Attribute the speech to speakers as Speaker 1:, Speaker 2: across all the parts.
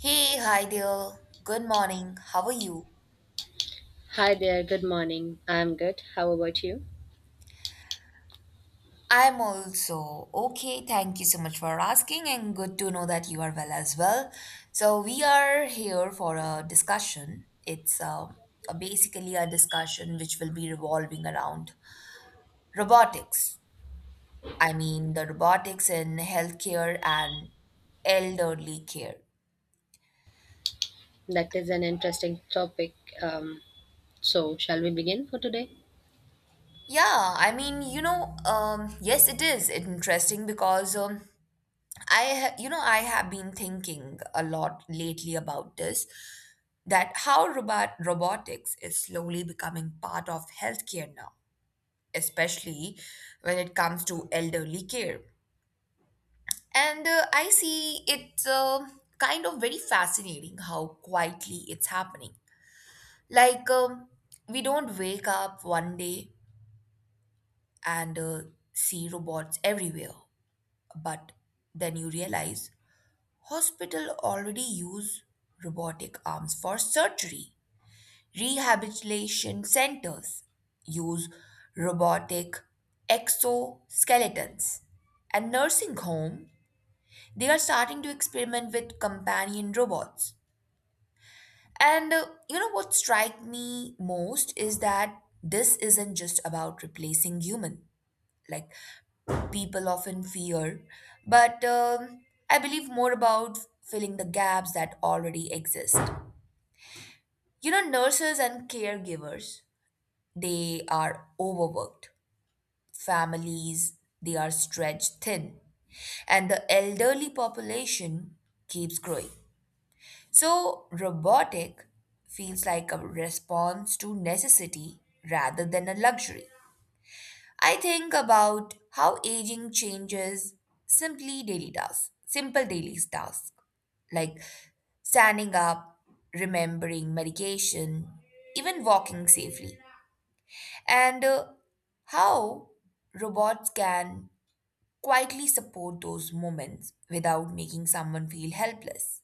Speaker 1: Hey, hi there. Good morning. How are you?
Speaker 2: Hi there, good morning. I'm good. How about you?
Speaker 1: I'm also okay. Thank you so much for asking, and good to know that you are well as well. So, we are here for a discussion. It's basically a discussion which will be revolving around robotics. I mean, the robotics in healthcare and elderly care.
Speaker 2: That is an interesting topic. Um, so, shall we begin for today?
Speaker 1: Yeah, I mean, yes, it is interesting because I, ha- you know, I have been thinking a lot lately about this, that how robotics is slowly becoming part of healthcare now, especially when it comes to elderly care. And I see it's kind of very fascinating how quietly it's happening. Like um, we don't wake up one day and see robots everywhere, but then you realize hospital already use robotic arms for surgery. Rehabilitation centers use robotic exoskeletons. And nursing home, they are starting to experiment with companion robots. And you know what strikes me most is that this isn't just about replacing human, like people often fear, but I believe more about filling the gaps that already exist. You know, nurses and caregivers, they are overworked. Families, they are stretched thin. And the elderly population keeps growing. So, robotic feels like a response to necessity rather than a luxury. I think about how aging changes simple daily tasks like standing up, remembering medication, even walking safely. And how robots can quietly support those moments without making someone feel helpless.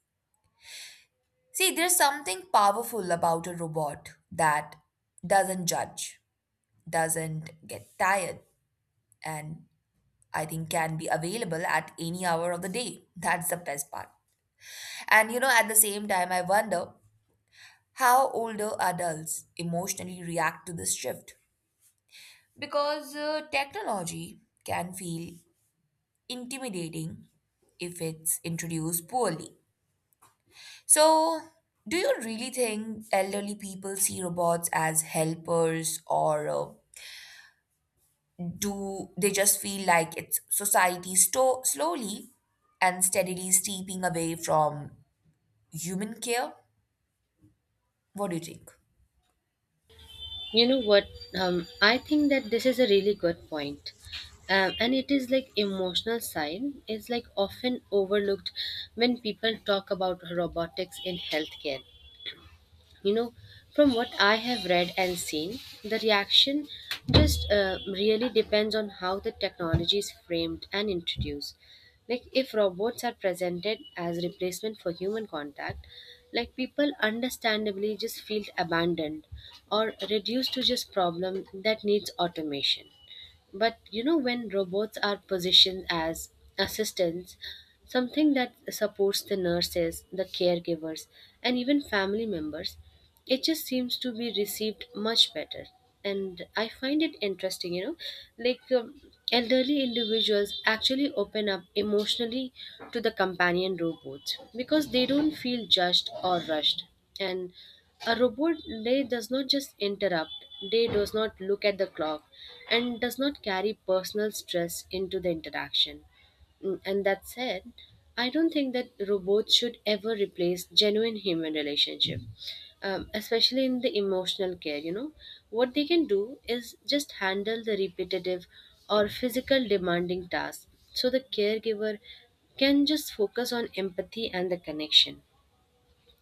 Speaker 1: See, there's something powerful about a robot that doesn't judge, doesn't get tired, and I think can be available at any hour of the day. That's the best part. And you know, at the same time, I wonder how older adults emotionally react to this shift because technology can feel intimidating if it's introduced poorly. So, do you really think elderly people see robots as helpers, or do they just feel like it's society slowly and steadily steeping away from human care? What do you think?
Speaker 2: You know what? I think that this is a really good point. And it is like emotional side is like often overlooked when people talk about robotics in healthcare. You know, from what I have read and seen, the reaction just really depends on how the technology is framed and introduced. Like if robots are presented as replacement for human contact, like people understandably just feel abandoned or reduced to just problem that needs automation. But you know, when robots are positioned as assistants, something that supports the nurses, the caregivers, and even family members, it just seems to be received much better. And I find it interesting, you know, like elderly individuals actually open up emotionally to the companion robots because they don't feel judged or rushed. And a robot day does not just interrupt, day does not look at the clock and does not carry personal stress into the interaction. And that said, I don't think that robots should ever replace genuine human relationship, especially in the emotional care. You know, what they can do is just handle the repetitive or physical demanding tasks, so the caregiver can just focus on empathy and the connection.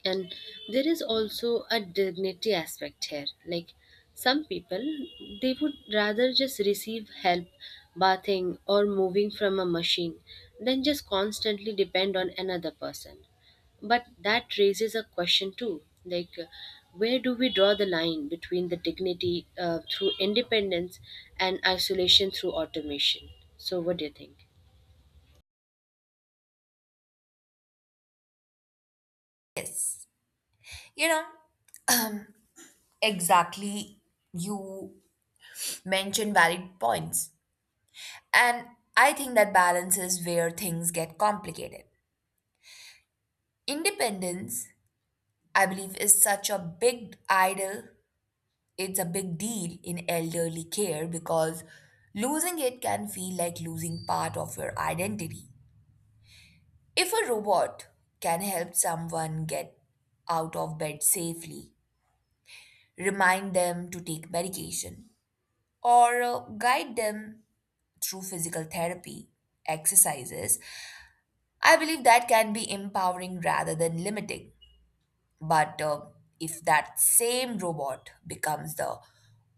Speaker 2: And there is also a dignity aspect here, like some people, they would rather just receive help bathing or moving from a machine than just constantly depend on another person. But that raises a question too, like where do we draw the line between the dignity through independence and isolation through automation? So what do you think?
Speaker 1: Yes. You know, exactly. You mentioned valid points. And I think that balance is where things get complicated. Independence, I believe, is such a big idol. It's a big deal in elderly care because losing it can feel like losing part of your identity. If a robot can help someone get out of bed safely, remind them to take medication, or guide them through physical therapy exercises, I believe that can be empowering rather than limiting. But if that same robot becomes the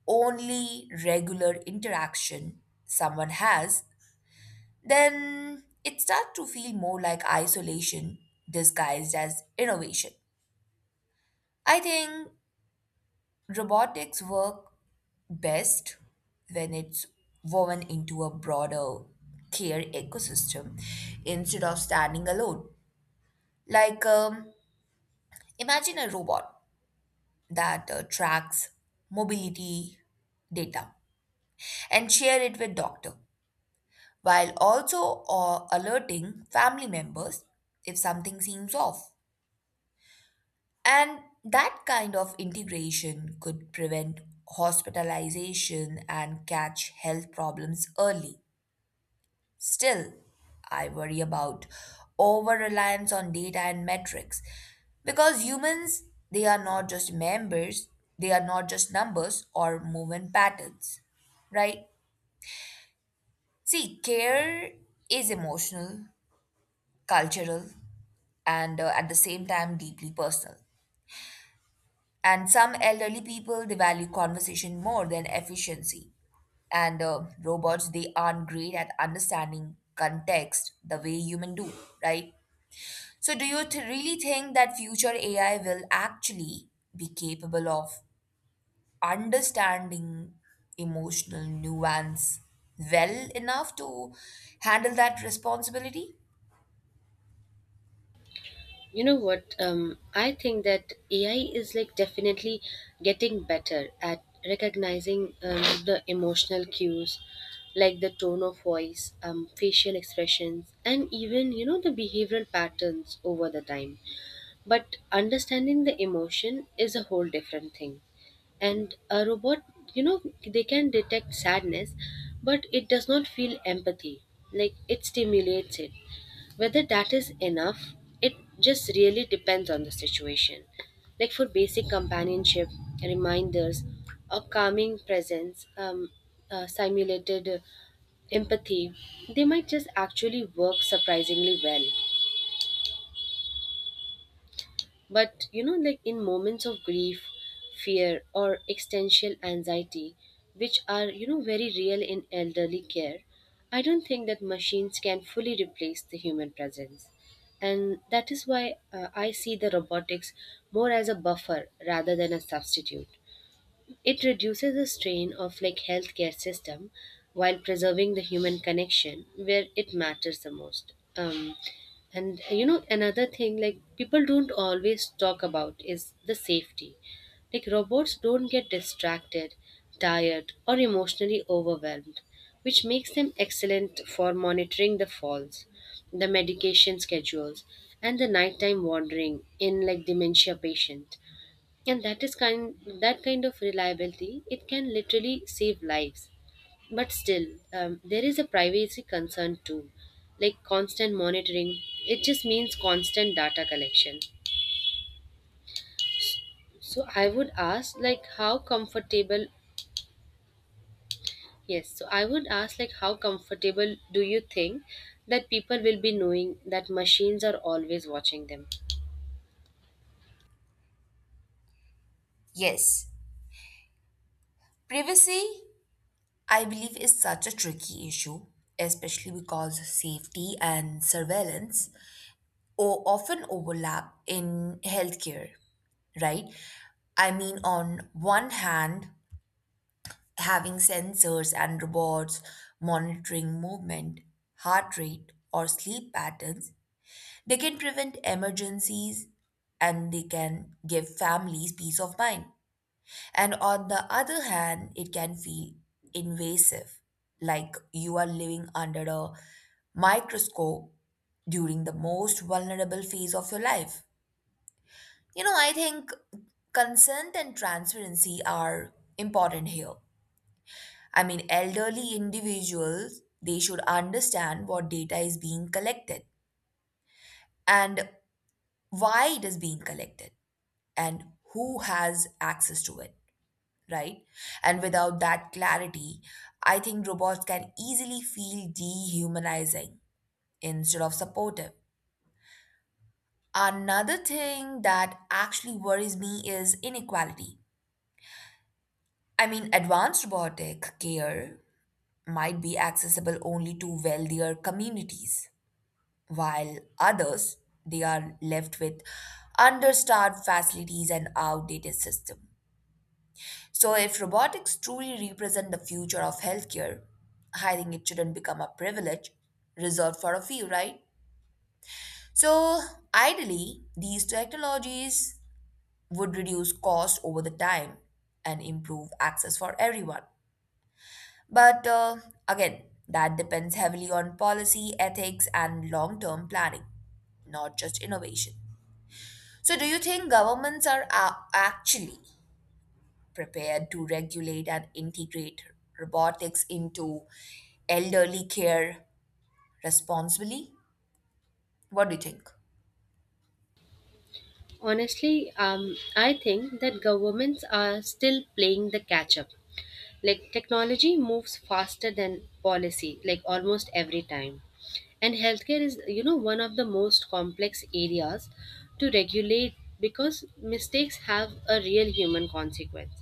Speaker 1: only regular interaction someone has, then it starts to feel more like isolation disguised as innovation. I think robotics work best when it's woven into a broader care ecosystem instead of standing alone. Like, um, imagine a robot that tracks mobility data and share it with doctor while also alerting family members if something seems off. And that kind of integration could prevent hospitalization and catch health problems early. Still, I worry about over reliance on data and metrics because humans, they are not just members, they are not just numbers or movement patterns, right? See, care is emotional, cultural, and at the same time deeply personal. And some elderly people, they value conversation more than efficiency. And robots, they aren't great at understanding context the way humans do, right? So, do you really think that future AI will actually be capable of understanding emotional nuance well enough to handle that responsibility?
Speaker 2: You know what? I think that AI is like definitely getting better at recognizing the emotional cues, like the tone of voice, facial expressions, and even you know the behavioral patterns over the time. But understanding the emotion is a whole different thing. And a robot, you know, they can detect sadness, but it does not feel empathy. Like it stimulates it. Whether that is enough, it just really depends on the situation. Like for basic companionship, reminders, or calming presence, simulated empathy, they might just actually work surprisingly well. But you know, like in moments of grief, fear, or existential anxiety, which are you know very real in elderly care, I don't think that machines can fully replace the human presence. And that is why I see the robotics more as a buffer rather than a substitute. It reduces the strain of like healthcare system while preserving the human connection where it matters the most. And you know, another thing like people don't always talk about is the safety. Like robots don't get distracted, tired, or emotionally overwhelmed, which makes them excellent for monitoring the falls, the medication schedules, and the nighttime wandering in like dementia patient. And that kind of reliability, it can literally save lives. But still, there is a privacy concern too, like constant monitoring, it just means constant data collection. So I would ask like how comfortable yes, so I would ask like how comfortable do you think that people will be knowing that machines are always watching them?
Speaker 1: Yes. Privacy, I believe, is such a tricky issue, especially because safety and surveillance often overlap in healthcare, right? I mean, on one hand, having sensors and robots monitoring movement, heart rate, or sleep patterns, they can prevent emergencies and they can give families peace of mind. And on the other hand, it can feel invasive, like you are living under a microscope during the most vulnerable phase of your life. You know, I think consent and transparency are important here. I mean, elderly individuals, they should understand what data is being collected and why it is being collected and who has access to it, right? And without that clarity, I think robots can easily feel dehumanizing instead of supportive. Another thing that actually worries me is inequality. I mean, advanced robotic care might be accessible only to wealthier communities while others, they are left with understaffed facilities and outdated system. So if robotics truly represent the future of healthcare, I think it shouldn't become a privilege reserved for a few, right? So ideally, these technologies would reduce cost over the time and improve access for everyone. But again, that depends heavily on policy, ethics, and long term planning, not just innovation. So, do you think governments are actually prepared to regulate and integrate robotics into elderly care responsibly? What do you think?
Speaker 2: Honestly, I think that governments are still playing the catch up. Like technology moves faster than policy, like almost every time. And healthcare is, you know, one of the most complex areas to regulate because mistakes have a real human consequence.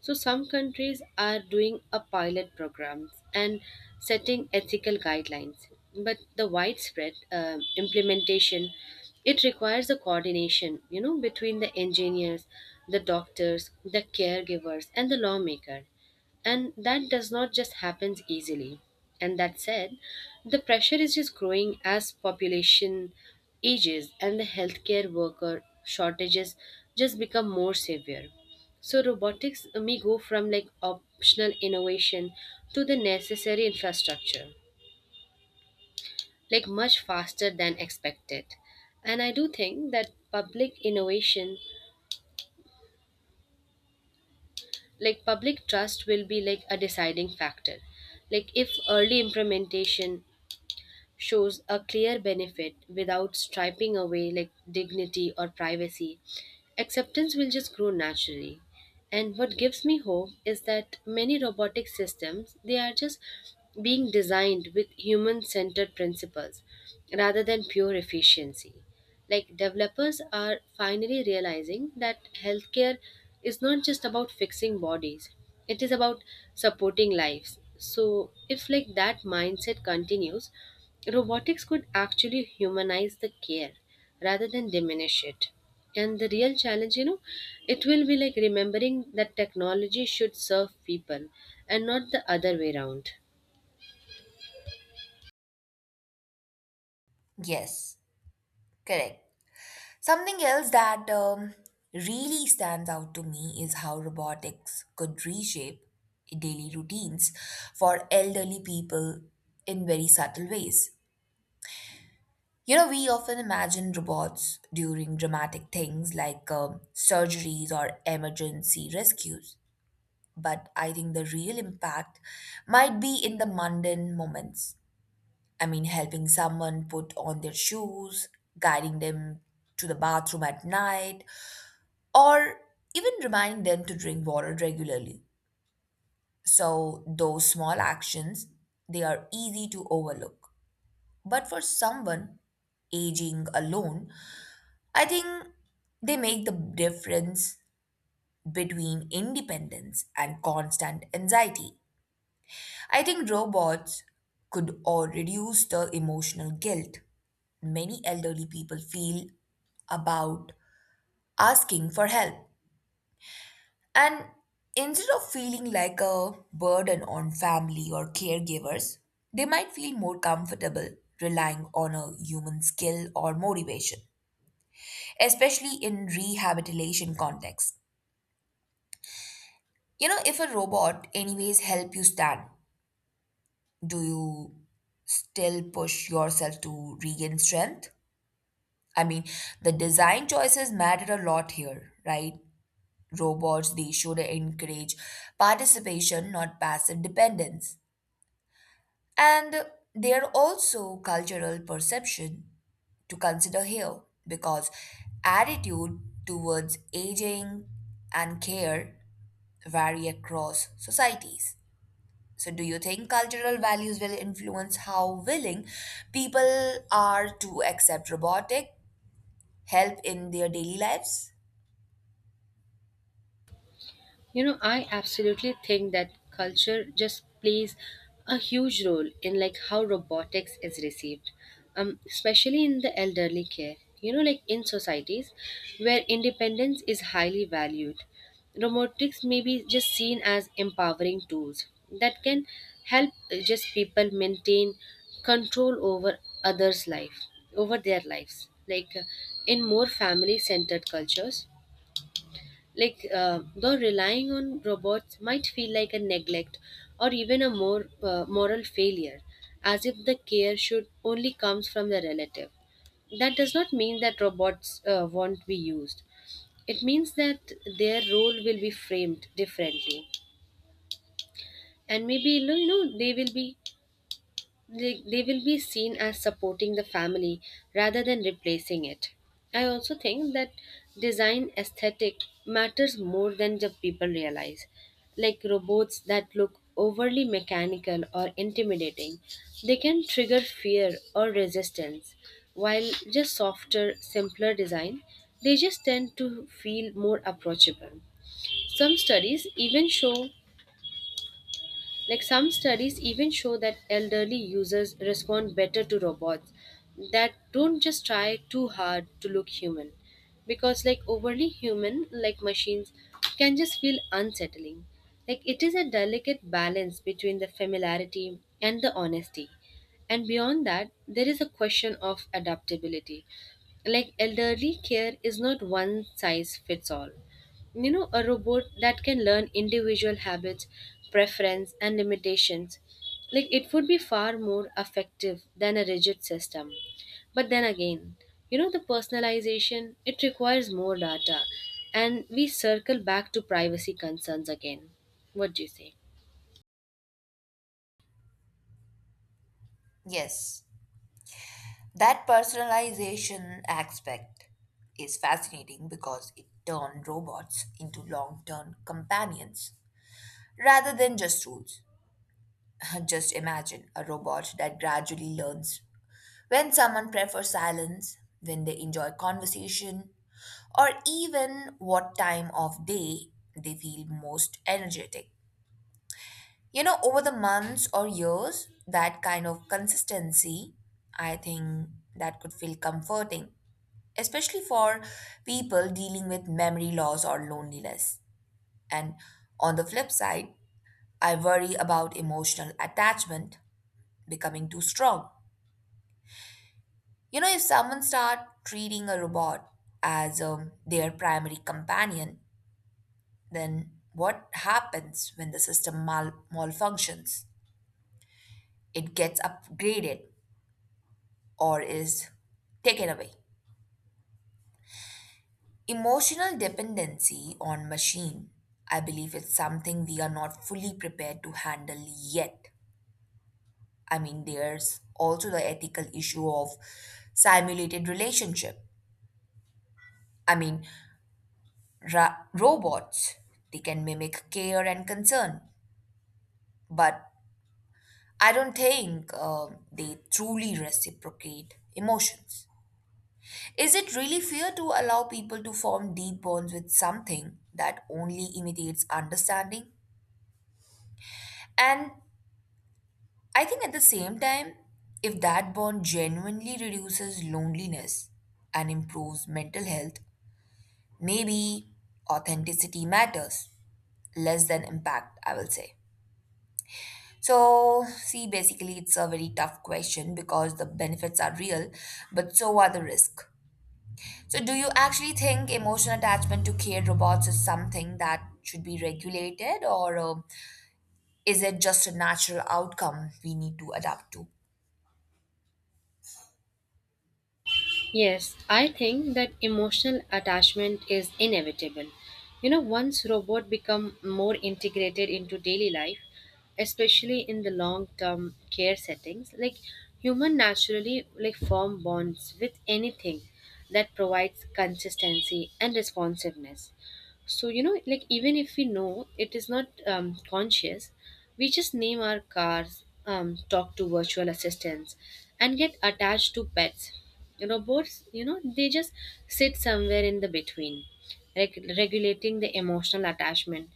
Speaker 2: So some countries are doing a pilot programs and setting ethical guidelines, but the widespread implementation, it requires a coordination, you know, between the engineers, the doctors, the caregivers, and the lawmaker. And that does not just happens easily. And that said, the pressure is just growing as population ages and the healthcare worker shortages just become more severe. So robotics may go from like optional innovation to the necessary infrastructure, like much faster than expected. And I do think that public innovation, like public trust will be like a deciding factor. Like if early implementation shows a clear benefit without striping away like dignity or privacy. Acceptance will just grow naturally. And what gives me hope is that many robotic systems, they are just being designed with human centered principles rather than pure efficiency. Like developers are finally realizing that healthcare is not just about fixing bodies, it is about supporting lives. So if like that mindset continues, robotics could actually humanize the care rather than diminish it. And the real challenge, you know, it will be like remembering that technology should serve people and not the other way around.
Speaker 1: Yes, correct. Something else that really stands out to me is how robotics could reshape daily routines for elderly people in very subtle ways. You know, we often imagine robots during dramatic things like surgeries or emergency rescues, but I think the real impact might be in the mundane moments. I mean, helping someone put on their shoes, guiding them to the bathroom at night, or even reminding them to drink water regularly. So, those small actions, they are easy to overlook. But for someone aging alone, I think they make the difference between independence and constant anxiety. I think robots could or reduce the emotional guilt many elderly people feel about asking for help. And instead of feeling like a burden on family or caregivers, they might feel more comfortable relying on a human skill or motivation, especially in rehabilitation contexts. You know, if a robot anyways help you stand, do you still push yourself to regain strength? I mean, the design choices matter a lot here, right? Robots, they should encourage participation, not passive dependence. And there are also cultural perception to consider here because attitude towards aging and care vary across societies. So, do you think cultural values will influence how willing people are to accept robotic help in their daily lives?
Speaker 2: You know, I absolutely think that culture just plays a huge role in like how robotics is received, especially in the elderly care. You know, like in societies where independence is highly valued, robotics may be just seen as empowering tools that can help just people maintain control over others life over their lives, like in more family centered cultures, like, though relying on robots might feel like a neglect or even a more moral failure, as if the care should only comes from the relative. That does not mean that robots won't be used. It means that their role will be framed differently, and maybe you know they will be seen as supporting the family rather than replacing it. I also think that design aesthetic matters more than the people realize. Like robots that look overly mechanical or intimidating, they can trigger fear or resistance, while just softer, simpler design, they just tend to feel more approachable. Some studies even show some studies even show that elderly users respond better to robots that don't just try too hard to look human because like overly human like machines can just feel unsettling. Like it is a delicate balance between the familiarity and the honesty. And beyond that, there is a question of adaptability. Like elderly care is not one size fits all. You know, a robot that can learn individual habits, preference, and limitations. Like it would be far more effective than a rigid system. But then again, you know, the personalization, it requires more data. And we circle back to privacy concerns again. What do you say?
Speaker 1: Yes, that personalization aspect is fascinating because it turned robots into long term companions rather than just tools. Just imagine a robot that gradually learns when someone prefers silence, when they enjoy conversation, or even what time of day they feel most energetic. You know, over the months or years, that kind of consistency, I think that could feel comforting, especially for people dealing with memory loss or loneliness. And on the flip side, I worry about emotional attachment becoming too strong. You know, if someone start treating a robot as their primary companion, then what happens when the system malfunctions? It gets upgraded or is taken away. Emotional dependency on machine, I believe it's something we are not fully prepared to handle yet. I mean, there's also the ethical issue of simulated relationship. I mean, robots. They can mimic care and concern, but I don't think they truly reciprocate emotions. Is it really fair to allow people to form deep bonds with something that only imitates understanding? And I think at the same time, if that bond genuinely reduces loneliness and improves mental health, maybe authenticity matters less than impact, I will say. So, see, basically, it's a very tough question because the benefits are real, but so are the risks. So, do you actually think emotional attachment to care robots is something that should be regulated, or is it just a natural outcome we need to adapt to?
Speaker 2: Yes, I think that emotional attachment is inevitable. You know, once robots become more integrated into daily life, especially in the long-term care settings, like human naturally like form bonds with anything that provides consistency and responsiveness. So, you know, like even if we know it is not conscious, we just name our cars, talk to virtual assistants, and get attached to pets. Robots, you know, they just sit somewhere in the between. Regulating the emotional attachment,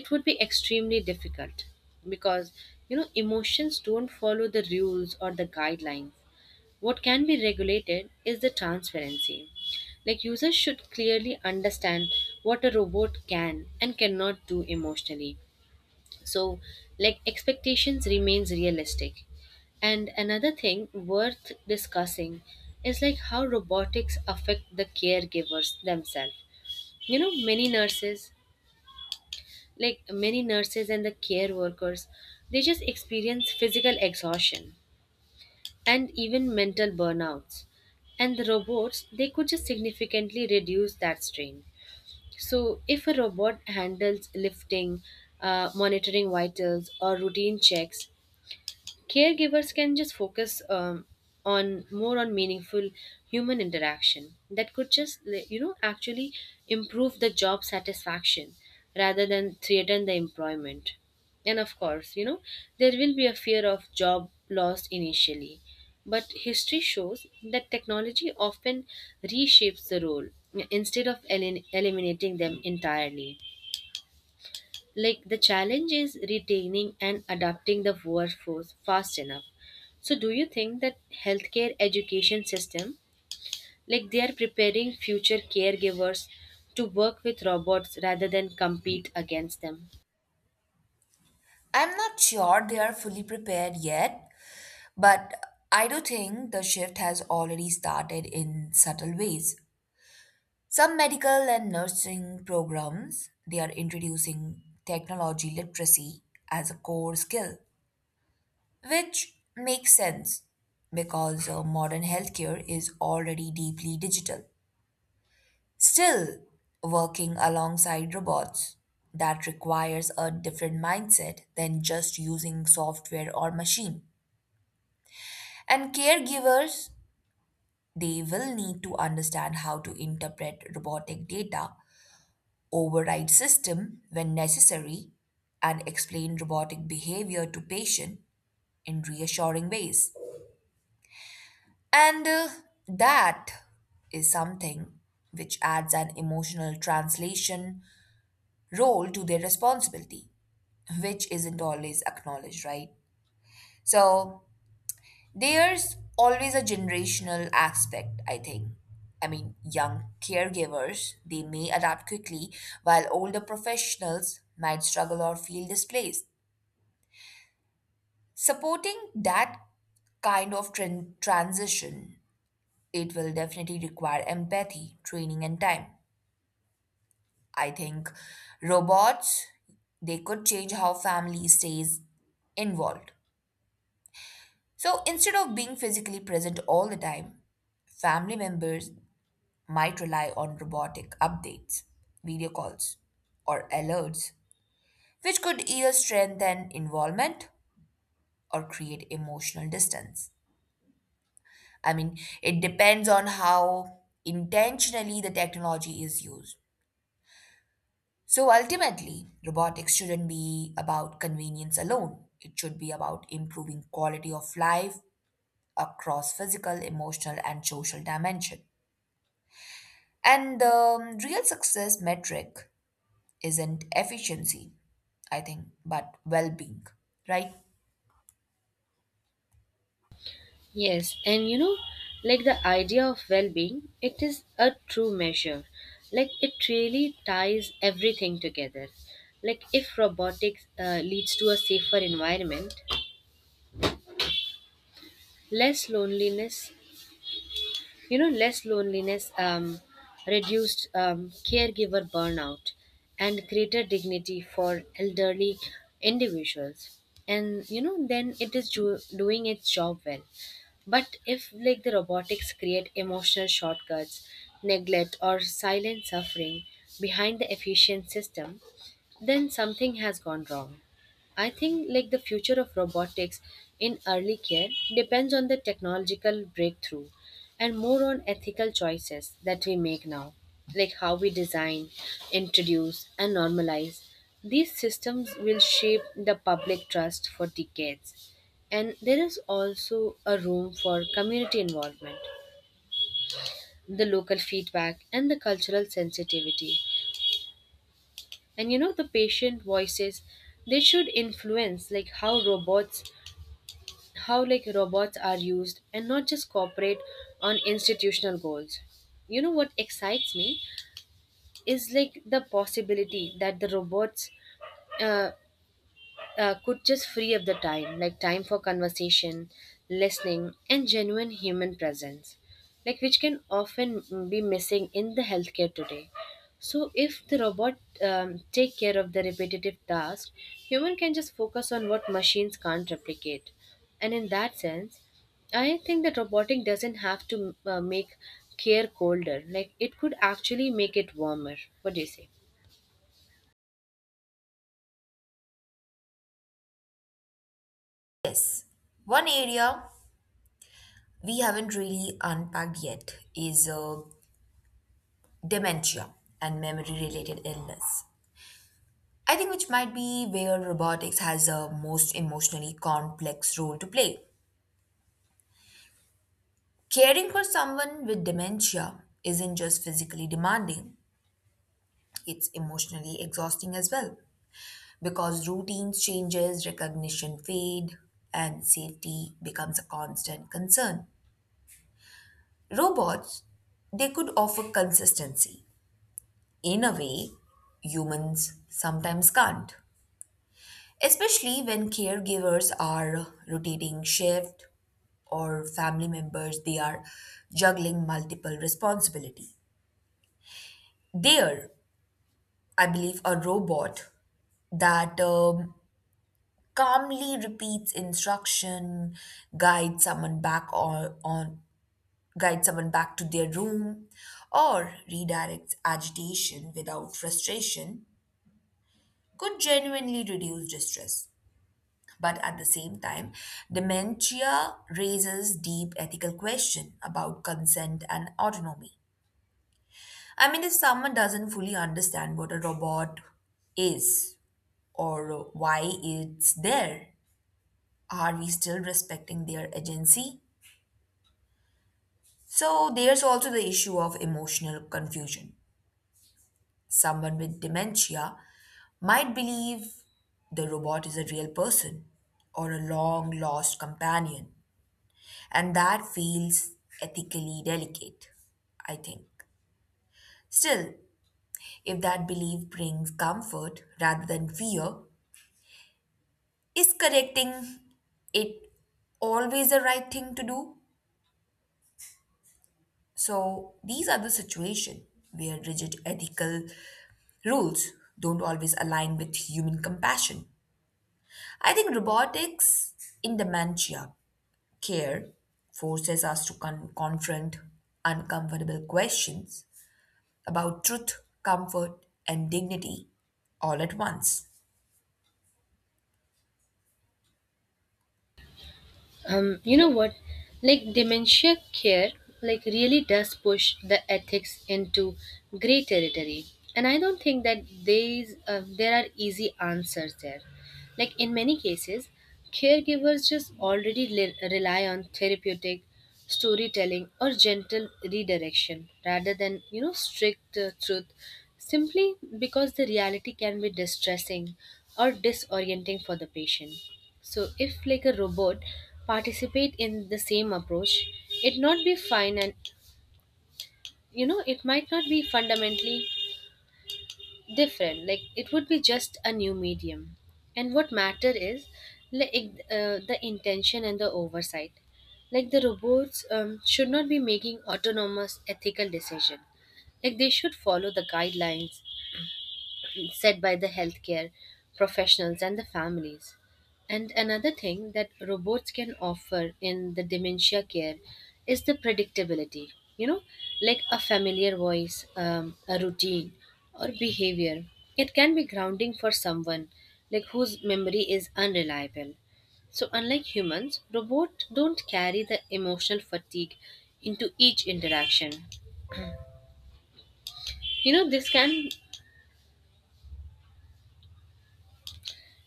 Speaker 2: it would be extremely difficult because you know emotions don't follow the rules or the guidelines. What can be regulated is the transparency, like users should clearly understand what a robot can and cannot do emotionally. So like expectations remains realistic. And another thing worth discussing is like how robotics affect the caregivers themselves. You know, many nurses and the care workers, they just experience physical exhaustion and even mental burnouts. And the robots, they could just significantly reduce that strain. So if a robot handles lifting, monitoring vitals or routine checks, caregivers can just focus on more on meaningful human interaction. That could just, like, you know, actually improve the job satisfaction rather than threaten the employment. And of course, you know, there will be a fear of job loss initially, but history shows that technology often reshapes the role instead of eliminating them entirely. Like the challenge is retaining and adapting the workforce fast enough. So do you think that healthcare education system, like they are preparing future caregivers to work with robots rather than compete against them?
Speaker 1: I'm not sure they are fully prepared yet, but I do think the shift has already started in subtle ways. Some medical and nursing programs, they are introducing technology literacy as a core skill, which makes sense because modern healthcare is already deeply digital. Still, working alongside robots that requires a different mindset than just using software or machine. And caregivers, they will need to understand how to interpret robotic data, override system when necessary, and explain robotic behavior to patient in reassuring ways. And that is something which adds an emotional translation role to their responsibility, which isn't always acknowledged, right? So there's always a generational aspect, I think. I mean, young caregivers, they may adapt quickly, while older professionals might struggle or feel displaced. Supporting that kind of transition, it will definitely require empathy, training, and time. I think robots, they could change how family stays involved. So instead of being physically present all the time, family members might rely on robotic updates, video calls, or alerts, which could either strengthen involvement or create emotional distance. I mean, it depends on how intentionally the technology is used. So ultimately, robotics shouldn't be about convenience alone. It should be about improving quality of life across physical, emotional, and social dimension. And the real success metric isn't efficiency, I think, but well-being, right?
Speaker 2: Yes, and you know, like the idea of well being, it is a true measure. Like it really ties everything together. Like if robotics leads to a safer environment, less loneliness, you know less loneliness um, reduced caregiver burnout and greater dignity for elderly individuals. And you know then it is doing its job well. But if like the robotics create emotional shortcuts, neglect, or silent suffering behind the efficient system, then something has gone wrong. I think like the future of robotics in early care depends on the technological breakthrough and more on ethical choices that we make now, like how we design, introduce, and normalize. These systems will shape the public trust for decades. And there is also a room for community involvement, the local feedback, and the cultural sensitivity. And you know, the patient voices, they should influence like how robots are used and not just cooperate on institutional goals. You know, what excites me is like the possibility that the robots uh, could just free up the time, like time for conversation, listening, and genuine human presence, like which can often be missing in the healthcare today. So, if the robot take care of the repetitive tasks, human can just focus on what machines can't replicate, and in that sense, I think that robotic doesn't have to make care colder. Like it could actually make it warmer. What do you say?
Speaker 1: Yes. One area we haven't really unpacked yet is dementia and memory related illness. I think which might be where robotics has a most emotionally complex role to play. Caring for someone with dementia isn't just physically demanding, it's emotionally exhausting as well because routines changes, recognition fade, and safety becomes a constant concern. Robots, they could offer consistency in a way humans sometimes can't, especially when caregivers are rotating shift or family members, they are juggling multiple responsibility. There I believe a robot that calmly repeats instruction, guides someone back on guides someone back to their room, or redirects agitation without frustration could genuinely reduce distress. But at the same time, dementia raises deep ethical question about consent and autonomy. I mean, if someone doesn't fully understand what a robot is or why it's there, are we still respecting their agency? So there's also the issue of emotional confusion. Someone with dementia might believe the robot is a real person or a long lost companion. And that feels ethically delicate, I think. Still, if that belief brings comfort rather than fear, is correcting it always the right thing to do? So, these are the situations where rigid ethical rules don't always align with human compassion. I think robotics in dementia care forces us to confront uncomfortable questions about truth, comfort, and dignity all at once.
Speaker 2: You know what? Like dementia care, like really does push the ethics into gray territory, and I don't think that there are easy answers there. Like in many cases, caregivers just already rely on therapeutic storytelling or gentle redirection rather than, you know, strict truth, simply because the reality can be distressing or disorienting for the patient. So if like a robot participate in the same approach, it not be fine, and you know it might not be fundamentally different, like it would be just a new medium. And what matter is like the intention and the oversight. Like the robots should not be making autonomous ethical decision, like they should follow the guidelines said by the healthcare professionals and the families. And another thing that robots can offer in the dementia care is the predictability. You know, like a familiar voice, a routine, or behavior. It can be grounding for someone like whose memory is unreliable. So, unlike humans, robots don't carry the emotional fatigue into each interaction. You know, this can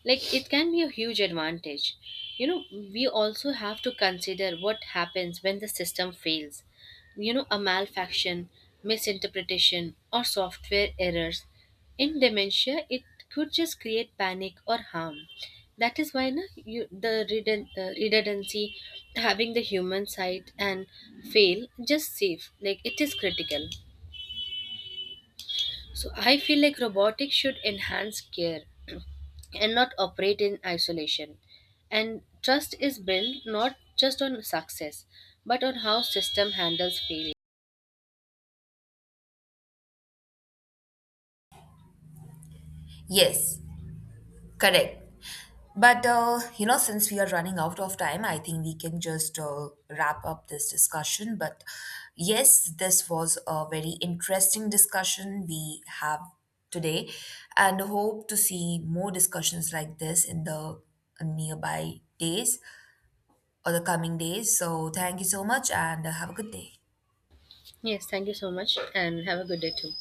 Speaker 2: like it can be a huge advantage. You know, we also have to consider what happens when the system fails. You know, a malfunction, misinterpretation, or software errors in dementia, it could just create panic or harm. That is why the redundancy, having the human side and fail just safe, like it is critical. So I feel like robotics should enhance care and not operate in isolation. And trust is built not just on success, but on how system handles failure.
Speaker 1: Yes, correct. But you know, since we are running out of time, I think we can just wrap up this discussion. But yes, this was a very interesting discussion we have today, and hope to see more discussions like this in the nearby days or the coming days. So, thank you so much, and have a good day.
Speaker 2: Yes, thank you so much and have a good day too.